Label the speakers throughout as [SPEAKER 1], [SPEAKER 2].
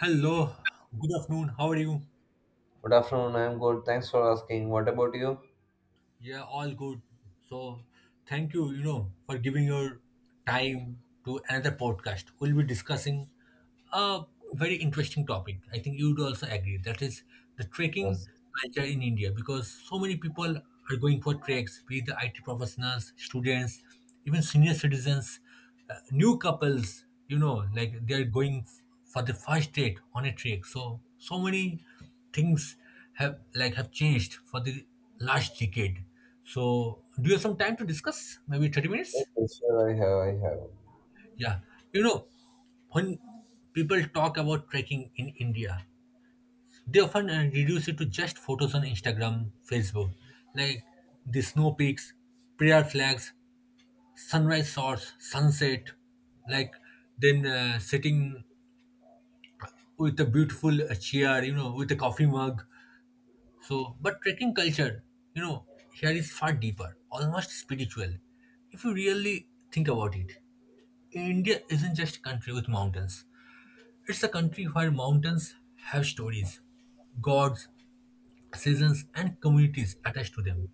[SPEAKER 1] Hello, good afternoon. How are you?
[SPEAKER 2] Good afternoon. I am good. Thanks for asking. What about you?
[SPEAKER 1] Yeah, all good. So, thank you, you know, for giving your time to another podcast. We'll be discussing a very interesting topic. I think you'd also agree. That is the trekking
[SPEAKER 2] Yes,
[SPEAKER 1] culture in India because so many people are going for treks, be it the IT professionals, students, even senior citizens, new couples, like they are going for the first date on a trek. So many things have changed for the last decade. So do you have some time to discuss? Maybe 30
[SPEAKER 2] yes,
[SPEAKER 1] minutes?
[SPEAKER 2] yes, sure. I have. I have.
[SPEAKER 1] Yeah. You know, when people talk about trekking in India, they often reduce it to just photos on Instagram, Facebook, like the snow peaks, prayer flags, sunrise shots, sunset, like then sitting with a beautiful chair, you know, with a coffee mug. So, but trekking culture, you know, here is far deeper, almost spiritual. If you really think about it, India isn't just a country with mountains, it's a country where mountains have stories, gods, seasons, and communities attached to them.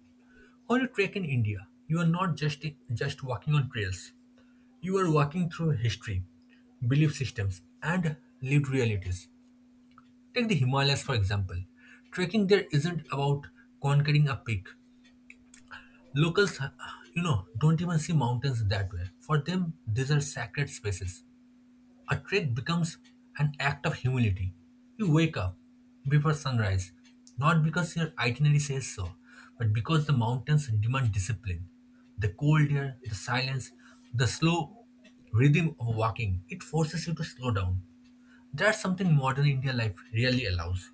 [SPEAKER 1] When you trek in India, you are not just walking on trails, you are walking through history, belief systems, and lived realities. Take the Himalayas, for example. Trekking there isn't about conquering a peak. Locals, you know, don't even see mountains that way. For them, these are sacred spaces. A trek becomes an act of humility. You wake up before sunrise, not because your itinerary says so, but because the mountains demand discipline. The cold air, the silence, the slow rhythm of walking, it forces you to slow down. That's something modern India life really allows.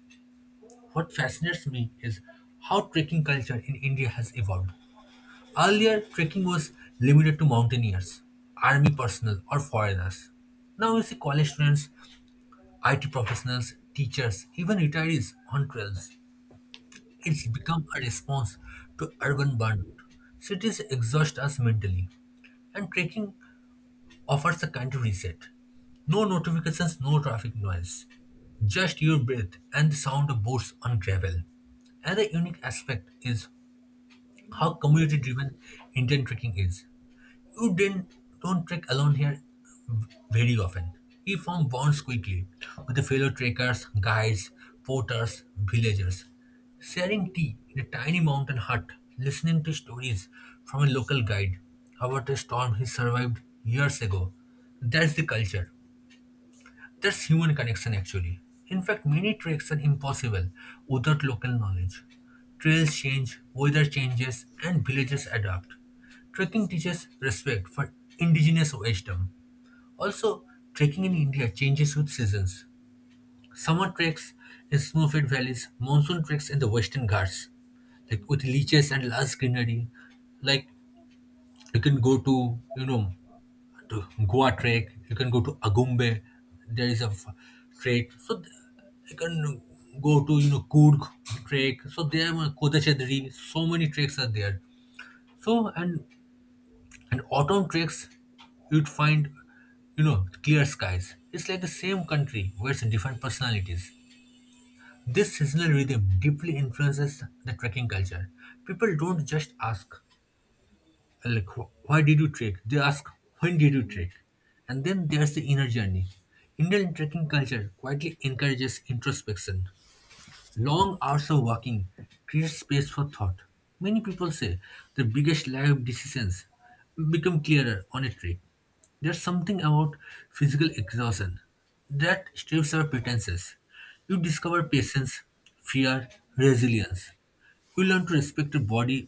[SPEAKER 1] What fascinates me is how trekking culture in India has evolved. Earlier, trekking was limited to mountaineers, army personnel, or foreigners. Now you see college students, IT professionals, teachers, even retirees on trails. It's become a response to urban burnout. Cities exhaust us mentally, and trekking offers a kind of reset. No notifications, no traffic noise. Just your breath and the sound of boots on gravel. Another unique aspect is how community driven Indian trekking is. You didn't don't trek alone here very often. He formed bonds quickly with the fellow trekkers, guides, porters, villagers. Sharing tea in a tiny mountain hut, listening to stories from a local guide about a storm he survived years ago. That's the culture. That's human connection, actually. In fact, many treks are impossible without local knowledge. Trails change, weather changes, and villages adapt. Trekking teaches respect for indigenous wisdom. Also, trekking in India changes with seasons. Summer treks in snow-fed valleys, monsoon treks in the Western Ghats, like with leeches and lush greenery. Like you can go to you know to Goa trek. You can go to Agumbe. There is a trek. So you can go to Kurg trek. So there are Kodachedri. So many treks are there. So and autumn treks, you'd find clear skies. It's like the same country with different personalities. This seasonal rhythm deeply influences the trekking culture. People don't just ask, like why did you trek, they ask when did you trek. And then there's the inner journey. Indian trekking culture quietly encourages introspection. Long hours of walking create space for thought. Many people say the biggest life decisions become clearer on a trek. There's something about physical exhaustion that strips our pretenses. You discover patience, fear, resilience. You learn to respect your body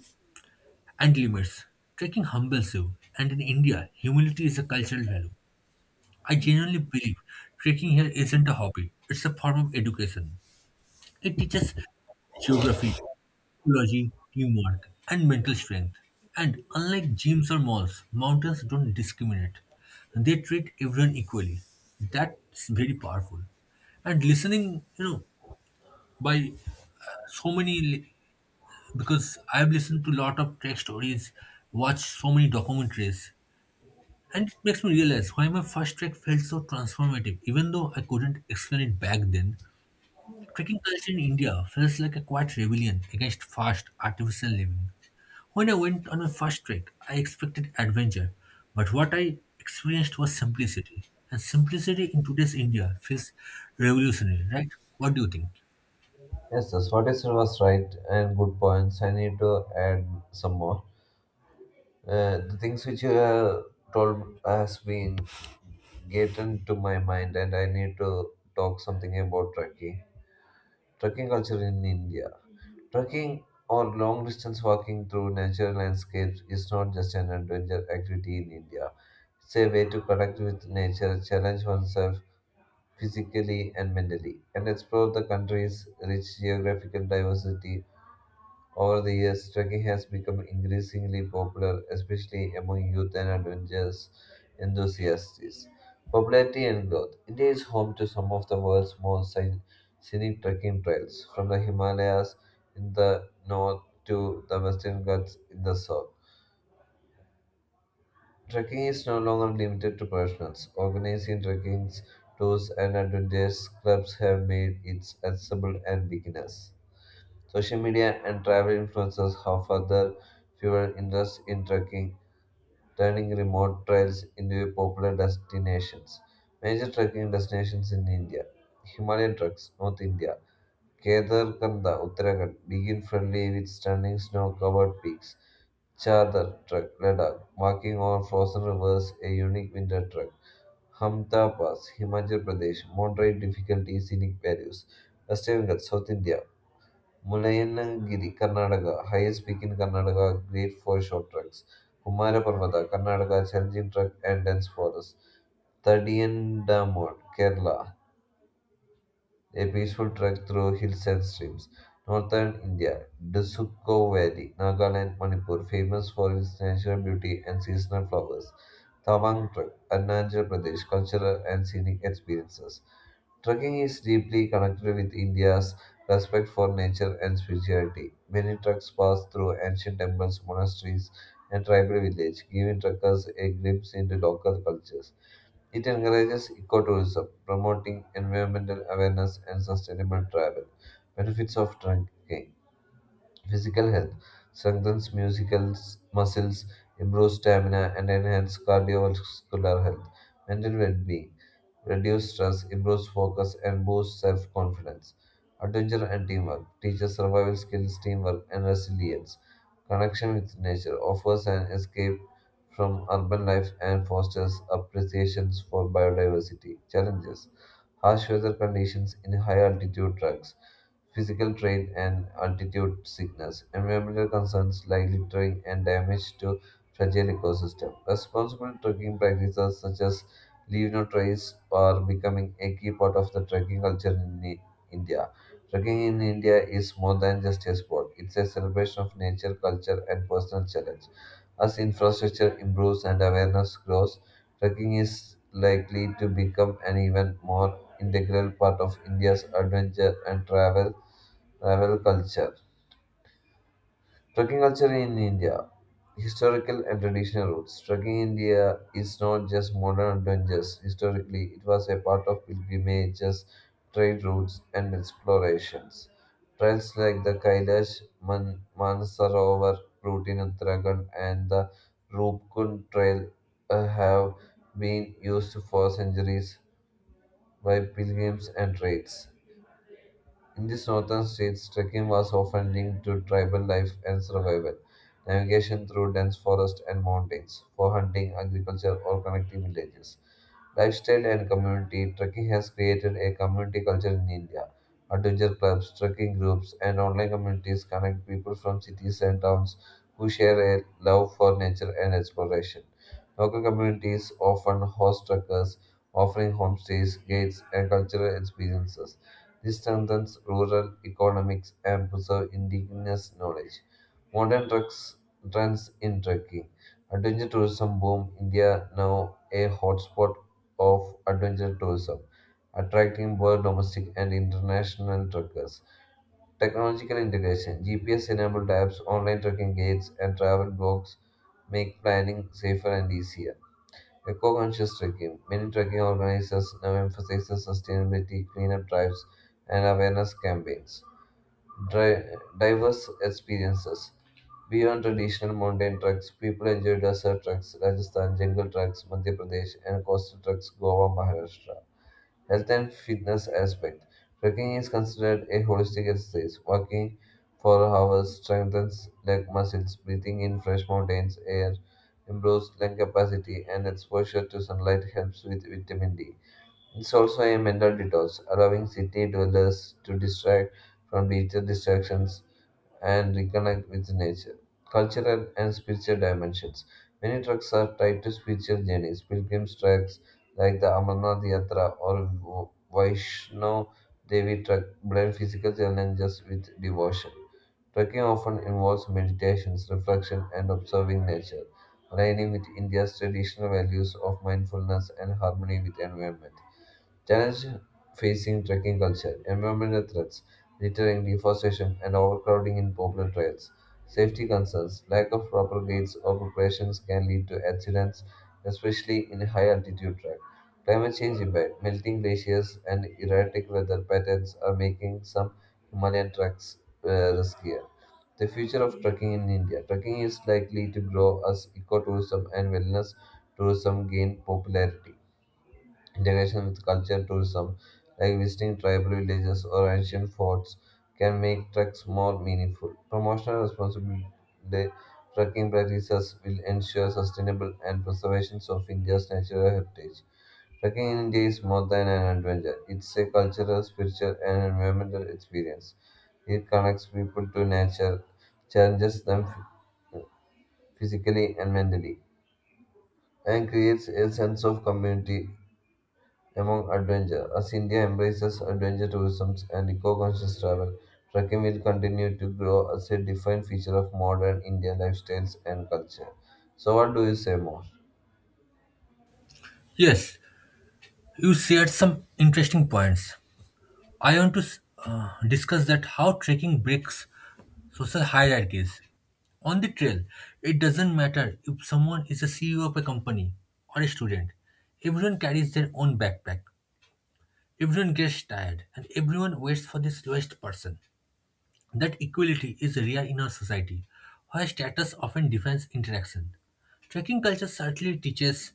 [SPEAKER 1] and limits. Trekking humbles you, and in India, humility is a cultural value. I genuinely believe trekking here isn't a hobby, it's a form of education. It teaches geography, ecology, teamwork, and mental strength. And unlike gyms or malls, mountains don't discriminate, they treat everyone equally. That's very powerful. And listening, you know, by so many, because I've listened to a lot of trek stories, watched so many documentaries. And it makes me realize why my first trek felt so transformative. Even though I couldn't explain it back then, trekking culture in India feels like a quiet rebellion against fast, artificial living. When I went on my first trek, I expected adventure, but what I experienced was simplicity. And simplicity in today's India feels revolutionary, right? What do you think?
[SPEAKER 2] Yes, yes. What you said was right and good points. I need to add some more. The things which you have told has been getting to my mind, and I need to talk something about trekking. Trekking culture in India. Trekking or long distance walking through natural landscapes is not just an adventure activity in India. It's a way to connect with nature, challenge oneself, physically and mentally, and explore the country's rich geographical diversity. Over the years, trekking has become increasingly popular, especially among youth and adventurous enthusiasts. Popularity and growth. India is home to some of the world's most scenic trekking trails, from the Himalayas in the north to the Western Ghats in the south. Trekking is no longer limited to professionals. Organizing trekking tours and adventures clubs have made it accessible and beginners. Social media and travel influencers have further fueled interest in trekking, turning remote trails into popular destinations. Major trekking destinations in India: Himalayan treks, North India, Kedarkanda, Uttarakhand, begin friendly with stunning snow covered peaks. Charder Trek, Ladakh, walking over frozen rivers, a unique winter trek. Hamta Pass, Himachal Pradesh, moderate difficulty, scenic values. Western Ghats, South India, Mulayanagiri, Karnataka, highest peak in Karnataka, great for short treks. Kumara Parvata, Karnataka, challenging trek and dense forest. Thaddiyan Damod, Kerala, a peaceful trek through hills and streams. Northern India, Dasuko Valley, Nagaland, Manipur, famous for its natural beauty and seasonal flowers. Tawang Trek, Arunachal Pradesh, cultural and scenic experiences. Trekking is deeply connected with India's respect for nature and spirituality. Many treks pass through ancient temples, monasteries, and tribal villages, giving trekkers a glimpse into local cultures. It encourages ecotourism, promoting environmental awareness and sustainable travel. Benefits of trekking. Physical health strengthens musical muscles, improves stamina, and enhances cardiovascular health. Mental well-being reduces stress, improves focus, and boosts self-confidence. Adventure and teamwork teaches survival skills, teamwork, and resilience. Connection with nature offers an escape from urban life and fosters appreciations for biodiversity. Challenges: harsh weather conditions in high altitude tracks, physical strain, and altitude sickness. Environmental concerns like littering and damage to fragile ecosystem. Responsible trekking practices such as leave no trace are becoming a key part of the trekking culture in India. Trekking in India is more than just a sport. It's a celebration of nature, culture, and personal challenge. As infrastructure improves and awareness grows, trekking is likely to become an even more integral part of India's adventure and travel culture. Trekking culture in India, historical and traditional roots. Trekking in India is not just modern adventures. Historically, it was a part of pilgrimages, trade routes, and explorations. Trails like the Manasarovar route in Uttarakhand and the Rupkund Trail have been used for centuries by pilgrims and trades. In these northern states, trekking was often linked to tribal life and survival, navigation through dense forests and mountains, for hunting, agriculture, or connecting villages. Lifestyle and community: trekking has created a community culture in India. Adventure clubs, trekking groups, and online communities connect people from cities and towns who share a love for nature and exploration. Local communities often host trekkers, offering homestays, guides, and cultural experiences. This strengthens rural economics and preserves indigenous knowledge. Modern trucks trends in trekking. Adventure tourism boom. India now a hotspot of adventure tourism, attracting both domestic and international trekkers. Technological integration. GPS-enabled apps, online trekking guides, and travel blogs make planning safer and easier. A eco-conscious trekking. Many trekking organizers now emphasize sustainability, cleanup drives, and awareness campaigns. Dri- Diverse experiences. Beyond traditional mountain treks, people enjoy desert treks, Rajasthan, jungle treks, Madhya Pradesh, and coastal treks, Goa, Maharashtra. Health and fitness aspect. Trekking is considered a holistic exercise. Walking for hours strengthens leg muscles, breathing in fresh mountains air improves lung capacity, and exposure to sunlight helps with vitamin D. It's also a mental detox, allowing city dwellers to distract from digital distractions and reconnect with nature. Cultural and spiritual dimensions. Many treks are tied to spiritual journeys. Pilgrims treks like the Amarnath Yatra or Vaishno Devi trek blend physical challenges with devotion. Trekking often involves meditations, reflection, and observing nature, aligning with India's traditional values of mindfulness and harmony with environment. Challenges facing trekking culture: environmental threats, littering, deforestation, and overcrowding in popular trails. Safety concerns, lack of proper guides or preparations can lead to accidents, especially in high altitude track. Climate change impact, melting glaciers and erratic weather patterns are making some Himalayan tracks riskier. The future of trekking in India. Trekking is likely to grow as ecotourism and wellness tourism gain popularity. Integration with culture tourism, like visiting tribal villages or ancient forts, can make treks more meaningful. Promotional responsibility trekking practices will ensure sustainable and preservation of India's natural heritage. Trekking in India is more than an adventure. It's a cultural, spiritual, and environmental experience. It connects people to nature, challenges them physically and mentally, and creates a sense of community among adventure. As India embraces adventure tourism and eco-conscious travel, trekking will continue to grow as a defined feature of modern Indian lifestyles and culture. So, what do you say more?
[SPEAKER 1] Yes, you shared some interesting points. I want to discuss that how trekking breaks social hierarchies. On the trail, it doesn't matter if someone is a CEO of a company or a student. Everyone carries their own backpack. Everyone gets tired and everyone waits for the slowest person. That equality is rare in our society, where status often defines interaction. Trekking culture certainly teaches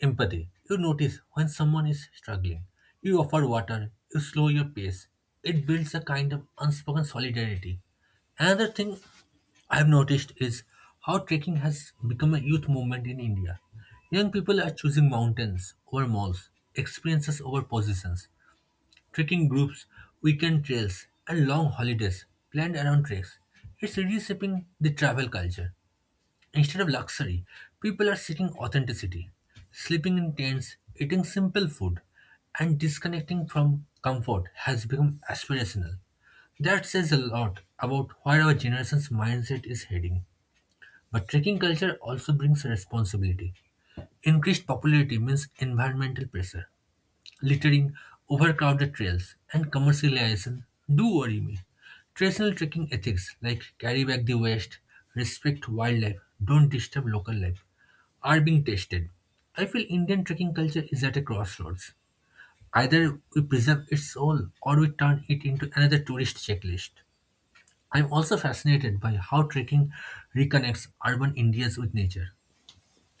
[SPEAKER 1] empathy. You notice when someone is struggling. You offer water. You slow your pace. It builds a kind of unspoken solidarity. Another thing I've noticed is how trekking has become a youth movement in India. Young people are choosing mountains over malls, experiences over positions, trekking groups, weekend trails, and long holidays planned around treks. It's reshaping the travel culture. Instead of luxury, people are seeking authenticity, sleeping in tents, eating simple food, and disconnecting from comfort has become aspirational. That says a lot about where our generation's mindset is heading. But trekking culture also brings responsibility. Increased popularity means environmental pressure, littering, overcrowded trails, and commercialization do worry me. Traditional trekking ethics like carry back the waste, respect wildlife, don't disturb local life are being tested. I feel Indian trekking culture is at a crossroads. Either we preserve its soul or we turn it into another tourist checklist. I'm also fascinated by how trekking reconnects urban Indians with nature.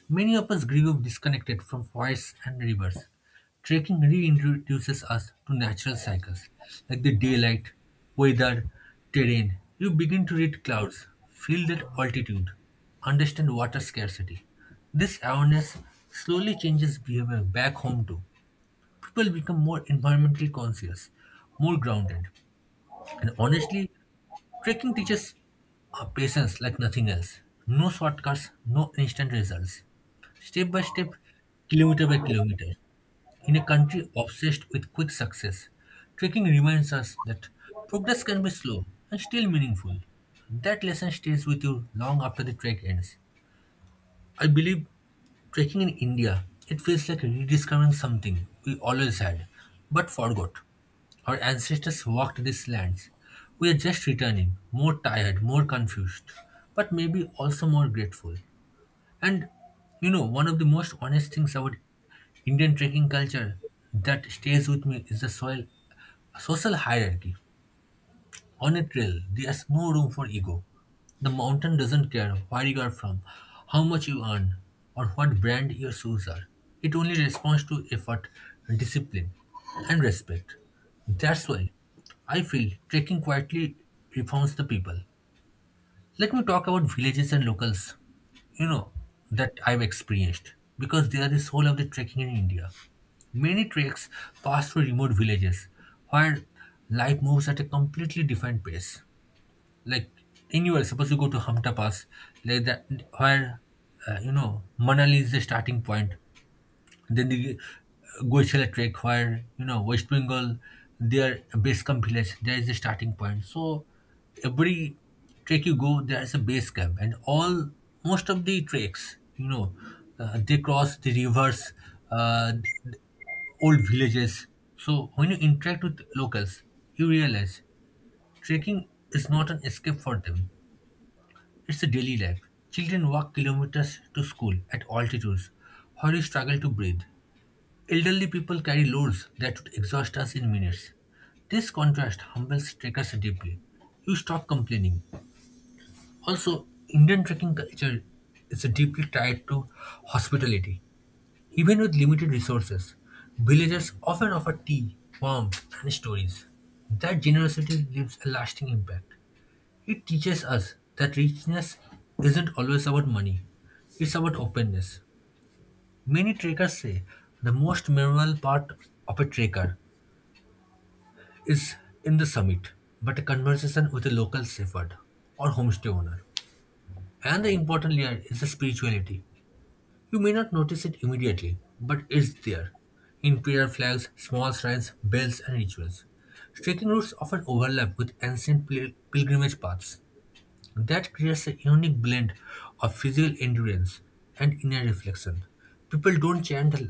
[SPEAKER 1] Many of us grew up disconnected from forests and rivers. Trekking reintroduces us to natural cycles like the daylight, weather, terrain. You begin to read clouds, feel that altitude, understand water scarcity. This awareness slowly changes behavior back home too. People become more environmentally conscious, more grounded, and honestly, trekking teaches patience like nothing else. No shortcuts, no instant results, step by step, kilometer by kilometer. In a country obsessed with quick success, trekking reminds us that progress can be slow and still meaningful. That lesson stays with you long after the trek ends. I believe trekking in India, it feels like rediscovering something we always had but forgot. Our ancestors walked these lands. We are just returning, more tired, more confused, but maybe also more grateful. And you know, one of the most honest things about Indian trekking culture that stays with me is the soil social hierarchy. On a trail, there's no room for ego. The mountain doesn't care where you are from, how much you earn, or what brand your shoes are. It only responds to effort, discipline, and respect. That's why I feel trekking quietly reforms the people. Let me talk about villages and locals, you know, that I've experienced because they are the soul of the trekking in India. Many treks pass through remote villages where life moves at a completely different pace. Like in anywhere, suppose you go to Hamta Pass, like that, where you know Manali is the starting point, then the Goisela Trek, where you know West Bengal, their base camp village, there is a starting point. So every trek you go, there is a base camp, and all most of the treks, you know, they cross the rivers, uh, th- old villages. So when you interact with locals, you realize trekking is not an escape for them. It's a daily life. Children walk kilometers to school at altitudes, where you struggle to breathe. Elderly people carry loads that would exhaust us in minutes. This contrast humbles trekkers deeply. You stop complaining. Also, Indian trekking culture is deeply tied to hospitality. Even with limited resources, villagers often offer tea, warmth, and stories. That generosity leaves a lasting impact. It teaches us that richness isn't always about money, it's about openness. Many trekkers say the most memorable part of a trekker is in the summit, but a conversation with a local shepherd or homestay owner. And the important layer is the spirituality. You may not notice it immediately, but it's there. In prayer flags, small shrines, bells, and rituals. Trekking routes often overlap with ancient pilgrimage paths. That creates a unique blend of physical endurance and inner reflection. People don't chant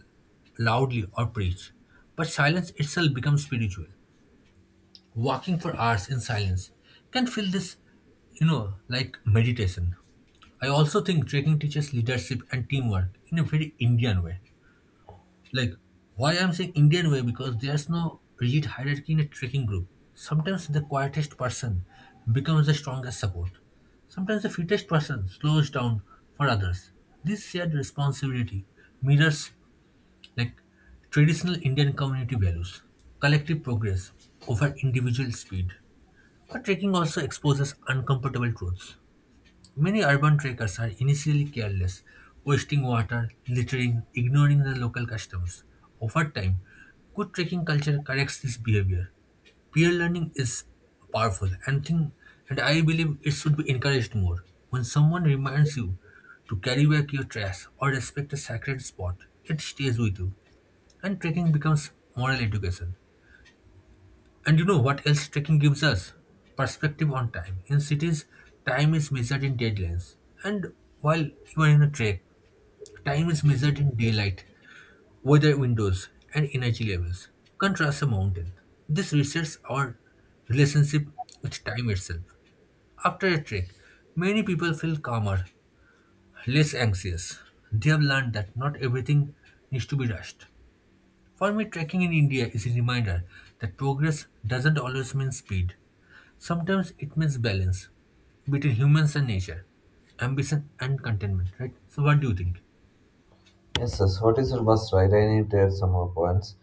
[SPEAKER 1] loudly or preach, but silence itself becomes spiritual. Walking for hours in silence can feel this, you know, like meditation. I also think trekking teaches leadership and teamwork in a very Indian way. Like, why I'm saying Indian way? Because there's no rigid hierarchy in a trekking group. Sometimes the quietest person becomes the strongest support. Sometimes the fittest person slows down for others. This shared responsibility mirrors like traditional Indian community values, collective progress over individual speed. But trekking also exposes uncomfortable truths. Many urban trekkers are initially careless, wasting water, littering, ignoring the local customs. Over time, good trekking culture corrects this behavior. Peer learning is powerful, and I believe it should be encouraged more. When someone reminds you to carry back your trash or respect a sacred spot, it stays with you, and trekking becomes moral education. And you know what else trekking gives us? Perspective on time. In cities, time is measured in deadlines. And while you are in a trek, time is measured in daylight, weather windows, and energy levels. Contrast a mountain. This resets our relationship with time itself. After a trek, many people feel calmer, less anxious. They have learned that not everything needs to be rushed. For me, trekking in India is a reminder that progress doesn't always mean speed. Sometimes it means balance between humans and nature, ambition and contentment, right? So, what do you think?
[SPEAKER 2] Yes, sir. So, what is your bus ride? I need to add some more points.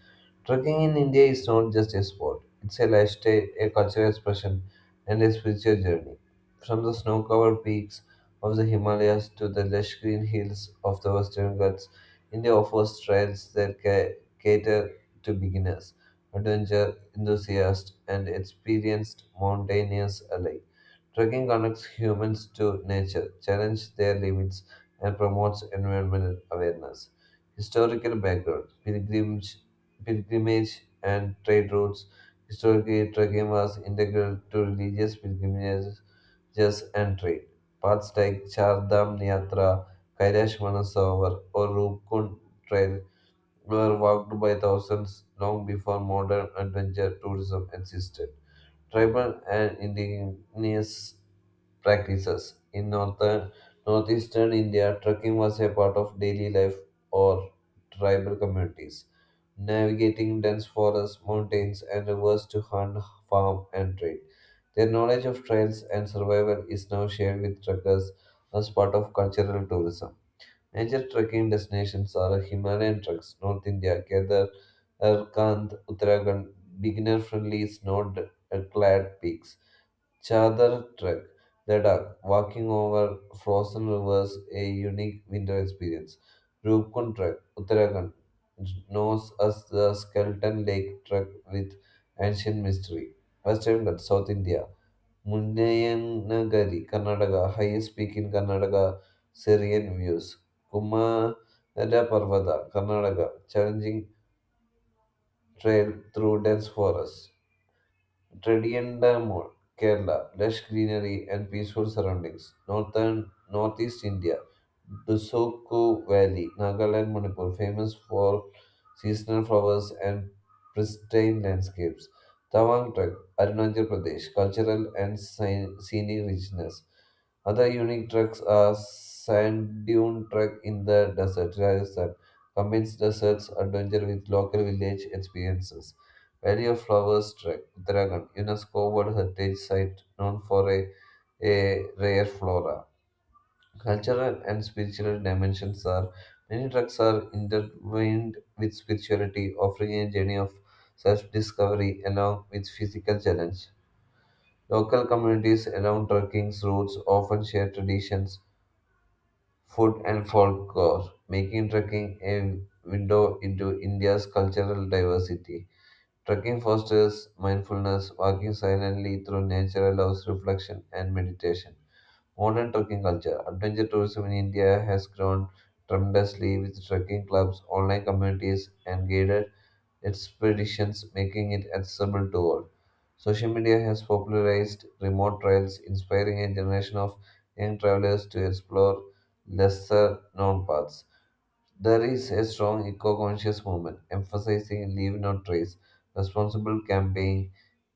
[SPEAKER 2] Trekking in India is not just a sport, it's a lifestyle, a cultural expression, and a spiritual journey. From the snow covered peaks of the Himalayas to the lush green hills of the Western Ghats, India offers trails that cater to beginners, adventure enthusiasts, and experienced mountaineers alike. Trekking connects humans to nature, challenges their limits, and promotes environmental awareness. Historical background, pilgrimage and trade routes. Historically, trekking was integral to religious pilgrimages and trade. Paths like Char Dham Yatra, Kailash Manasarovar, or Rupkund Trail were walked by thousands long before modern adventure tourism existed. Tribal and indigenous practices. In northern northeastern India, trekking was a part of daily life or tribal communities, navigating dense forests, mountains, and rivers to hunt, farm, and trade. Their knowledge of trails and survival is now shared with trekkers as part of cultural tourism. Major trekking destinations are Himalayan treks, North India, Kedar, Erkand, Uttarakhand, beginner-friendly snow-clad peaks. Chadar Trek, Ladakh, walking over frozen rivers, a unique winter experience. Rupkund Trek, Uttarakhand, knows as the Skeleton Lake Trek with ancient mystery. Western Ghats, South India, Munnayanagari, Karnataka, highest peak in Karnataka, serene views. Kumara Parvata, Karnataka, challenging trail through dense forests. Trivandrum, Kerala, lush greenery and peaceful surroundings. Northern Northeast India, Dusoku Valley, Nagaland, Manipur, famous for seasonal flowers and pristine landscapes. Tawang Trek, Arunachal Pradesh, cultural and scenic richness. Other unique treks are sand dune trek in the desert, Rajasthan, combines deserts adventure with local village experiences. Valley of Flowers, Uttarakhand, UNESCO World Heritage Site known for a rare flora. Cultural and spiritual dimensions are many tracks are intertwined with spirituality, offering a journey of self-discovery along with physical challenge. Local communities along trekking routes often share traditions, food, and folklore, making trekking a window into India's cultural diversity. Trekking fosters mindfulness, walking silently through nature allows reflection and meditation. Modern trekking culture. Adventure tourism in India has grown tremendously with trekking clubs, online communities, and guided expeditions, making it accessible to all. Social media has popularized remote trails, inspiring a generation of young travelers to explore lesser known paths. There is a strong eco conscious movement emphasizing leave no trace, responsible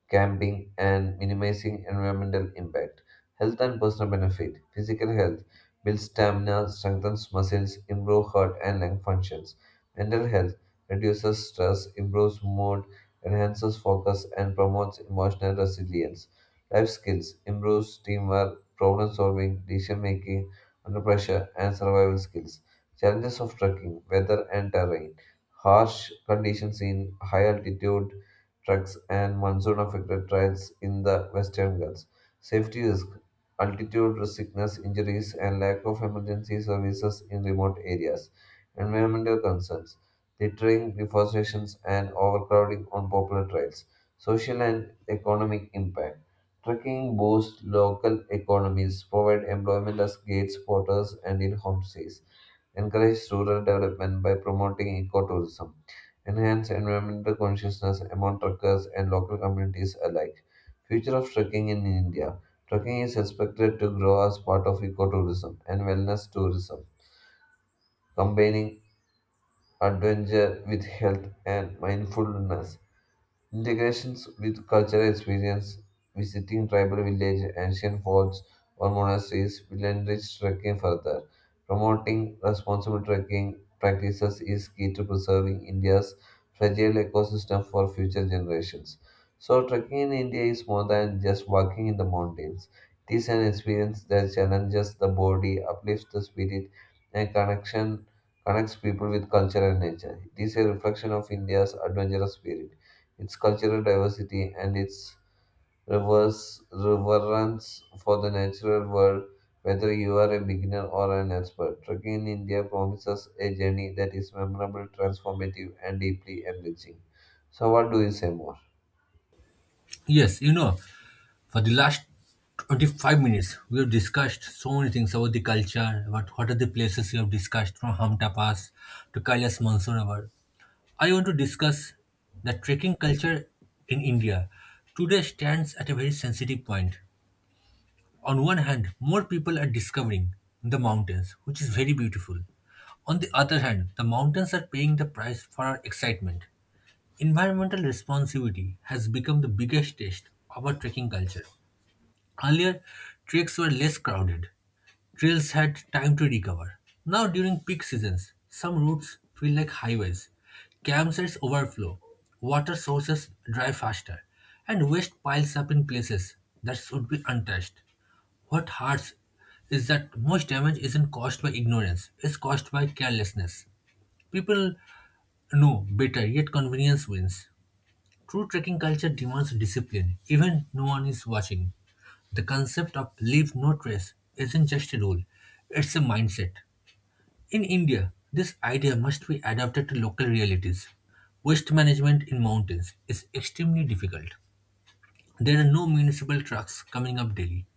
[SPEAKER 2] camping, and minimizing environmental impact. Health and personal benefit physical health builds stamina, strengthens muscles, improves heart and lung functions. Mental health reduces stress, improves mood, enhances focus, and promotes emotional resilience. Life skills improves teamwork, problem solving, decision making under pressure, and survival skills. Challenges of trekking: weather and terrain, harsh conditions in high altitude treks and monsoon affected trails in the Western Ghats, safety risk, altitude sickness, injuries, and lack of emergency services in remote areas, environmental concerns, littering, deforestation, and overcrowding on popular trails, social and economic impact. Trekking boosts local economies, provide employment as guides, porters, and in homestays encourage rural development by promoting ecotourism, enhance environmental consciousness among trekkers and local communities alike. Future of trekking in India. Trekking is expected to grow as part of ecotourism and wellness tourism, combining adventure with health and mindfulness. Integrations with cultural experience, visiting tribal villages, ancient forts or monasteries will enrich trekking further. Promoting responsible trekking practices is key to preserving India's fragile ecosystem for future generations. So, trekking in India is more than just walking in the mountains. It is an experience that challenges the body, uplifts the spirit, and connection connects people with culture and nature. It is a reflection of India's adventurous spirit, its cultural diversity, and its reverse reverence for the natural world, whether you are a beginner or an expert. Trekking in India promises a journey that is memorable, transformative, and deeply enriching. So, what do you say more?
[SPEAKER 1] Yes, you know, for the last 25 minutes, we have discussed so many things about the culture, about what are the places we have discussed, from Hamta Pass to Kailas Mansarovar. I want to discuss the trekking culture in India. Today stands at a very sensitive point. On one hand, more people are discovering the mountains, which is very beautiful. On the other hand, the mountains are paying the price for our excitement. Environmental responsibility has become the biggest test of our trekking culture. Earlier, treks were less crowded, trails had time to recover. Now, during peak seasons, some routes feel like highways, campsites overflow, water sources dry faster, and waste piles up in places that should be untouched. What hurts is that most damage isn't caused by ignorance, it's caused by carelessness. People know better, yet convenience wins. True trekking culture demands discipline, even no one is watching. The concept of leave no trace isn't just a rule, it's a mindset. In India, this idea must be adapted to local realities. Waste management in mountains is extremely difficult. There are no municipal trucks coming up daily.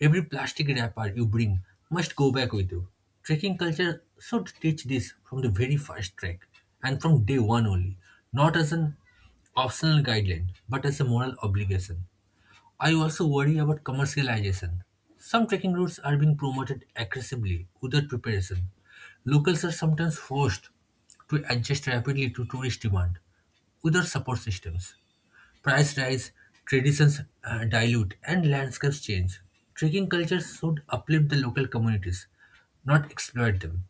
[SPEAKER 1] Every plastic wrapper you bring must go back with you. Trekking culture should teach this from the very first trek and from day one only, not as an optional guideline but as a moral obligation. I also worry about commercialization. Some trekking routes are being promoted aggressively without preparation. Locals are sometimes forced to adjust rapidly to tourist demand without support systems. Price rise, traditions dilute, and landscapes change. Trekking cultures should uplift the local communities, not exploit them.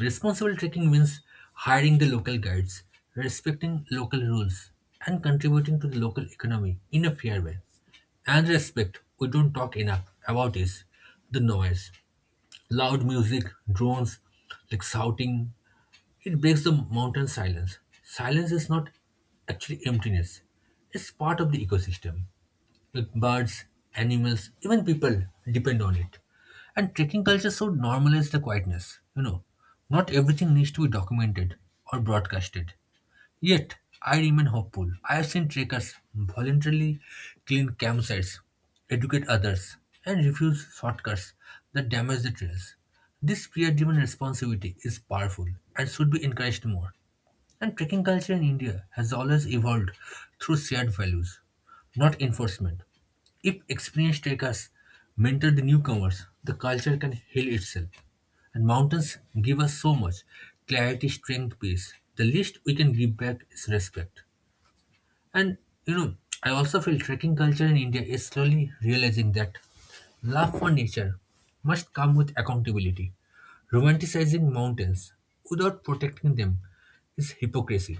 [SPEAKER 1] Responsible trekking means hiring the local guides, respecting local rules, and contributing to the local economy in a fair way. And respect, we don't talk enough about is the noise. Loud music, drones, like shouting, it breaks the mountain silence. Silence is not actually emptiness, it's part of the ecosystem. Like birds, animals, even people depend on it. And trekking culture should normalize the quietness. You know, not everything needs to be documented or broadcasted. Yet, I remain hopeful. I have seen trekkers voluntarily clean campsites, educate others, and refuse shortcuts that damage the trails. This peer driven responsibility is powerful and should be encouraged more. And trekking culture in India has always evolved through shared values, not enforcement. If experienced trekkers mentor the newcomers, the culture can heal itself. And mountains give us so much clarity, strength, peace. The least we can give back is respect. And you know, I also feel trekking culture in India is slowly realizing that love for nature must come with accountability. Romanticizing mountains without protecting them is hypocrisy.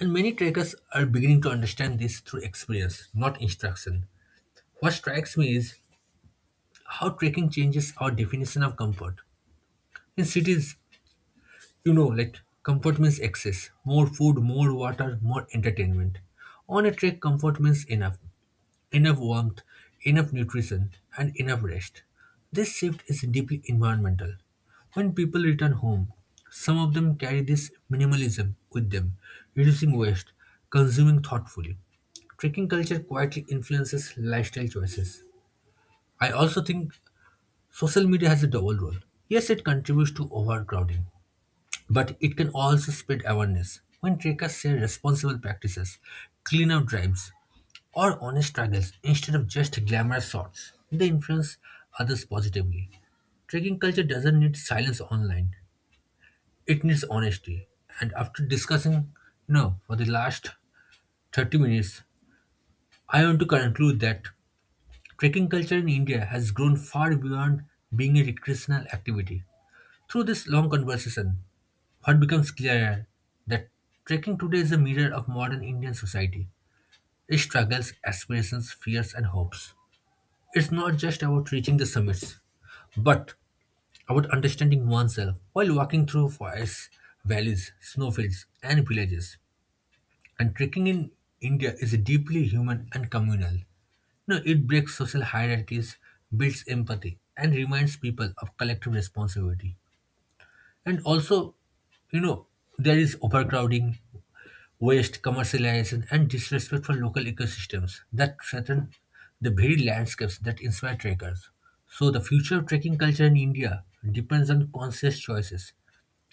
[SPEAKER 1] And many trekkers are beginning to understand this through experience, not instruction. What strikes me is how trekking changes our definition of comfort. In cities, you know, like comfort means excess, more food, more water, more entertainment. On a trek, comfort means enough. Enough warmth, enough nutrition, and enough rest. This shift is deeply environmental. When people return home, some of them carry this minimalism with them, reducing waste, consuming thoughtfully. Trekking culture quietly influences lifestyle choices. I also think social media has a double role. Yes, it contributes to overcrowding, but it can also spread awareness. When trekkers share responsible practices, cleanup drives, or honest struggles instead of just glamorous shots, they influence others positively. Trekking culture doesn't need silence online. It needs honesty. And after discussing, you know, for the last 30 minutes, I want to conclude that trekking culture in India has grown far beyond being a recreational activity. Through this long conversation, what becomes clearer that trekking today is a mirror of modern Indian society, its struggles, aspirations, fears, and hopes. It's not just about reaching the summits, but about understanding oneself while walking through forests, valleys, snowfields, and villages. And trekking in India is deeply human and communal. No, it breaks social hierarchies, builds empathy, and reminds people of collective responsibility. And also, you know, there is overcrowding, waste, commercialization, and disrespect for local ecosystems that threaten the very landscapes that inspire trekkers. So, the future of trekking culture in India depends on conscious choices,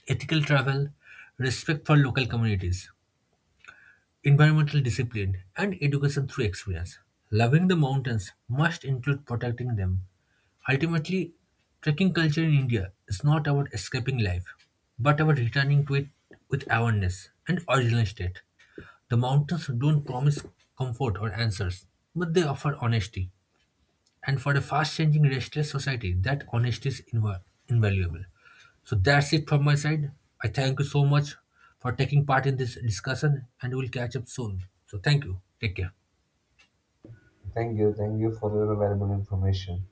[SPEAKER 1] ethical travel, respect for local communities, environmental discipline, and education through experience. Loving the mountains must include protecting them. Ultimately, trekking culture in India is not about escaping life, but about returning to it with awareness and original state. The mountains don't promise comfort or answers, but they offer honesty. And for a fast changing, restless society, that honesty is invaluable. So that's it from my side. I thank you so much for taking part in this discussion, and we'll catch up soon. So thank you. Take care.
[SPEAKER 2] Thank you. Thank you for your valuable information.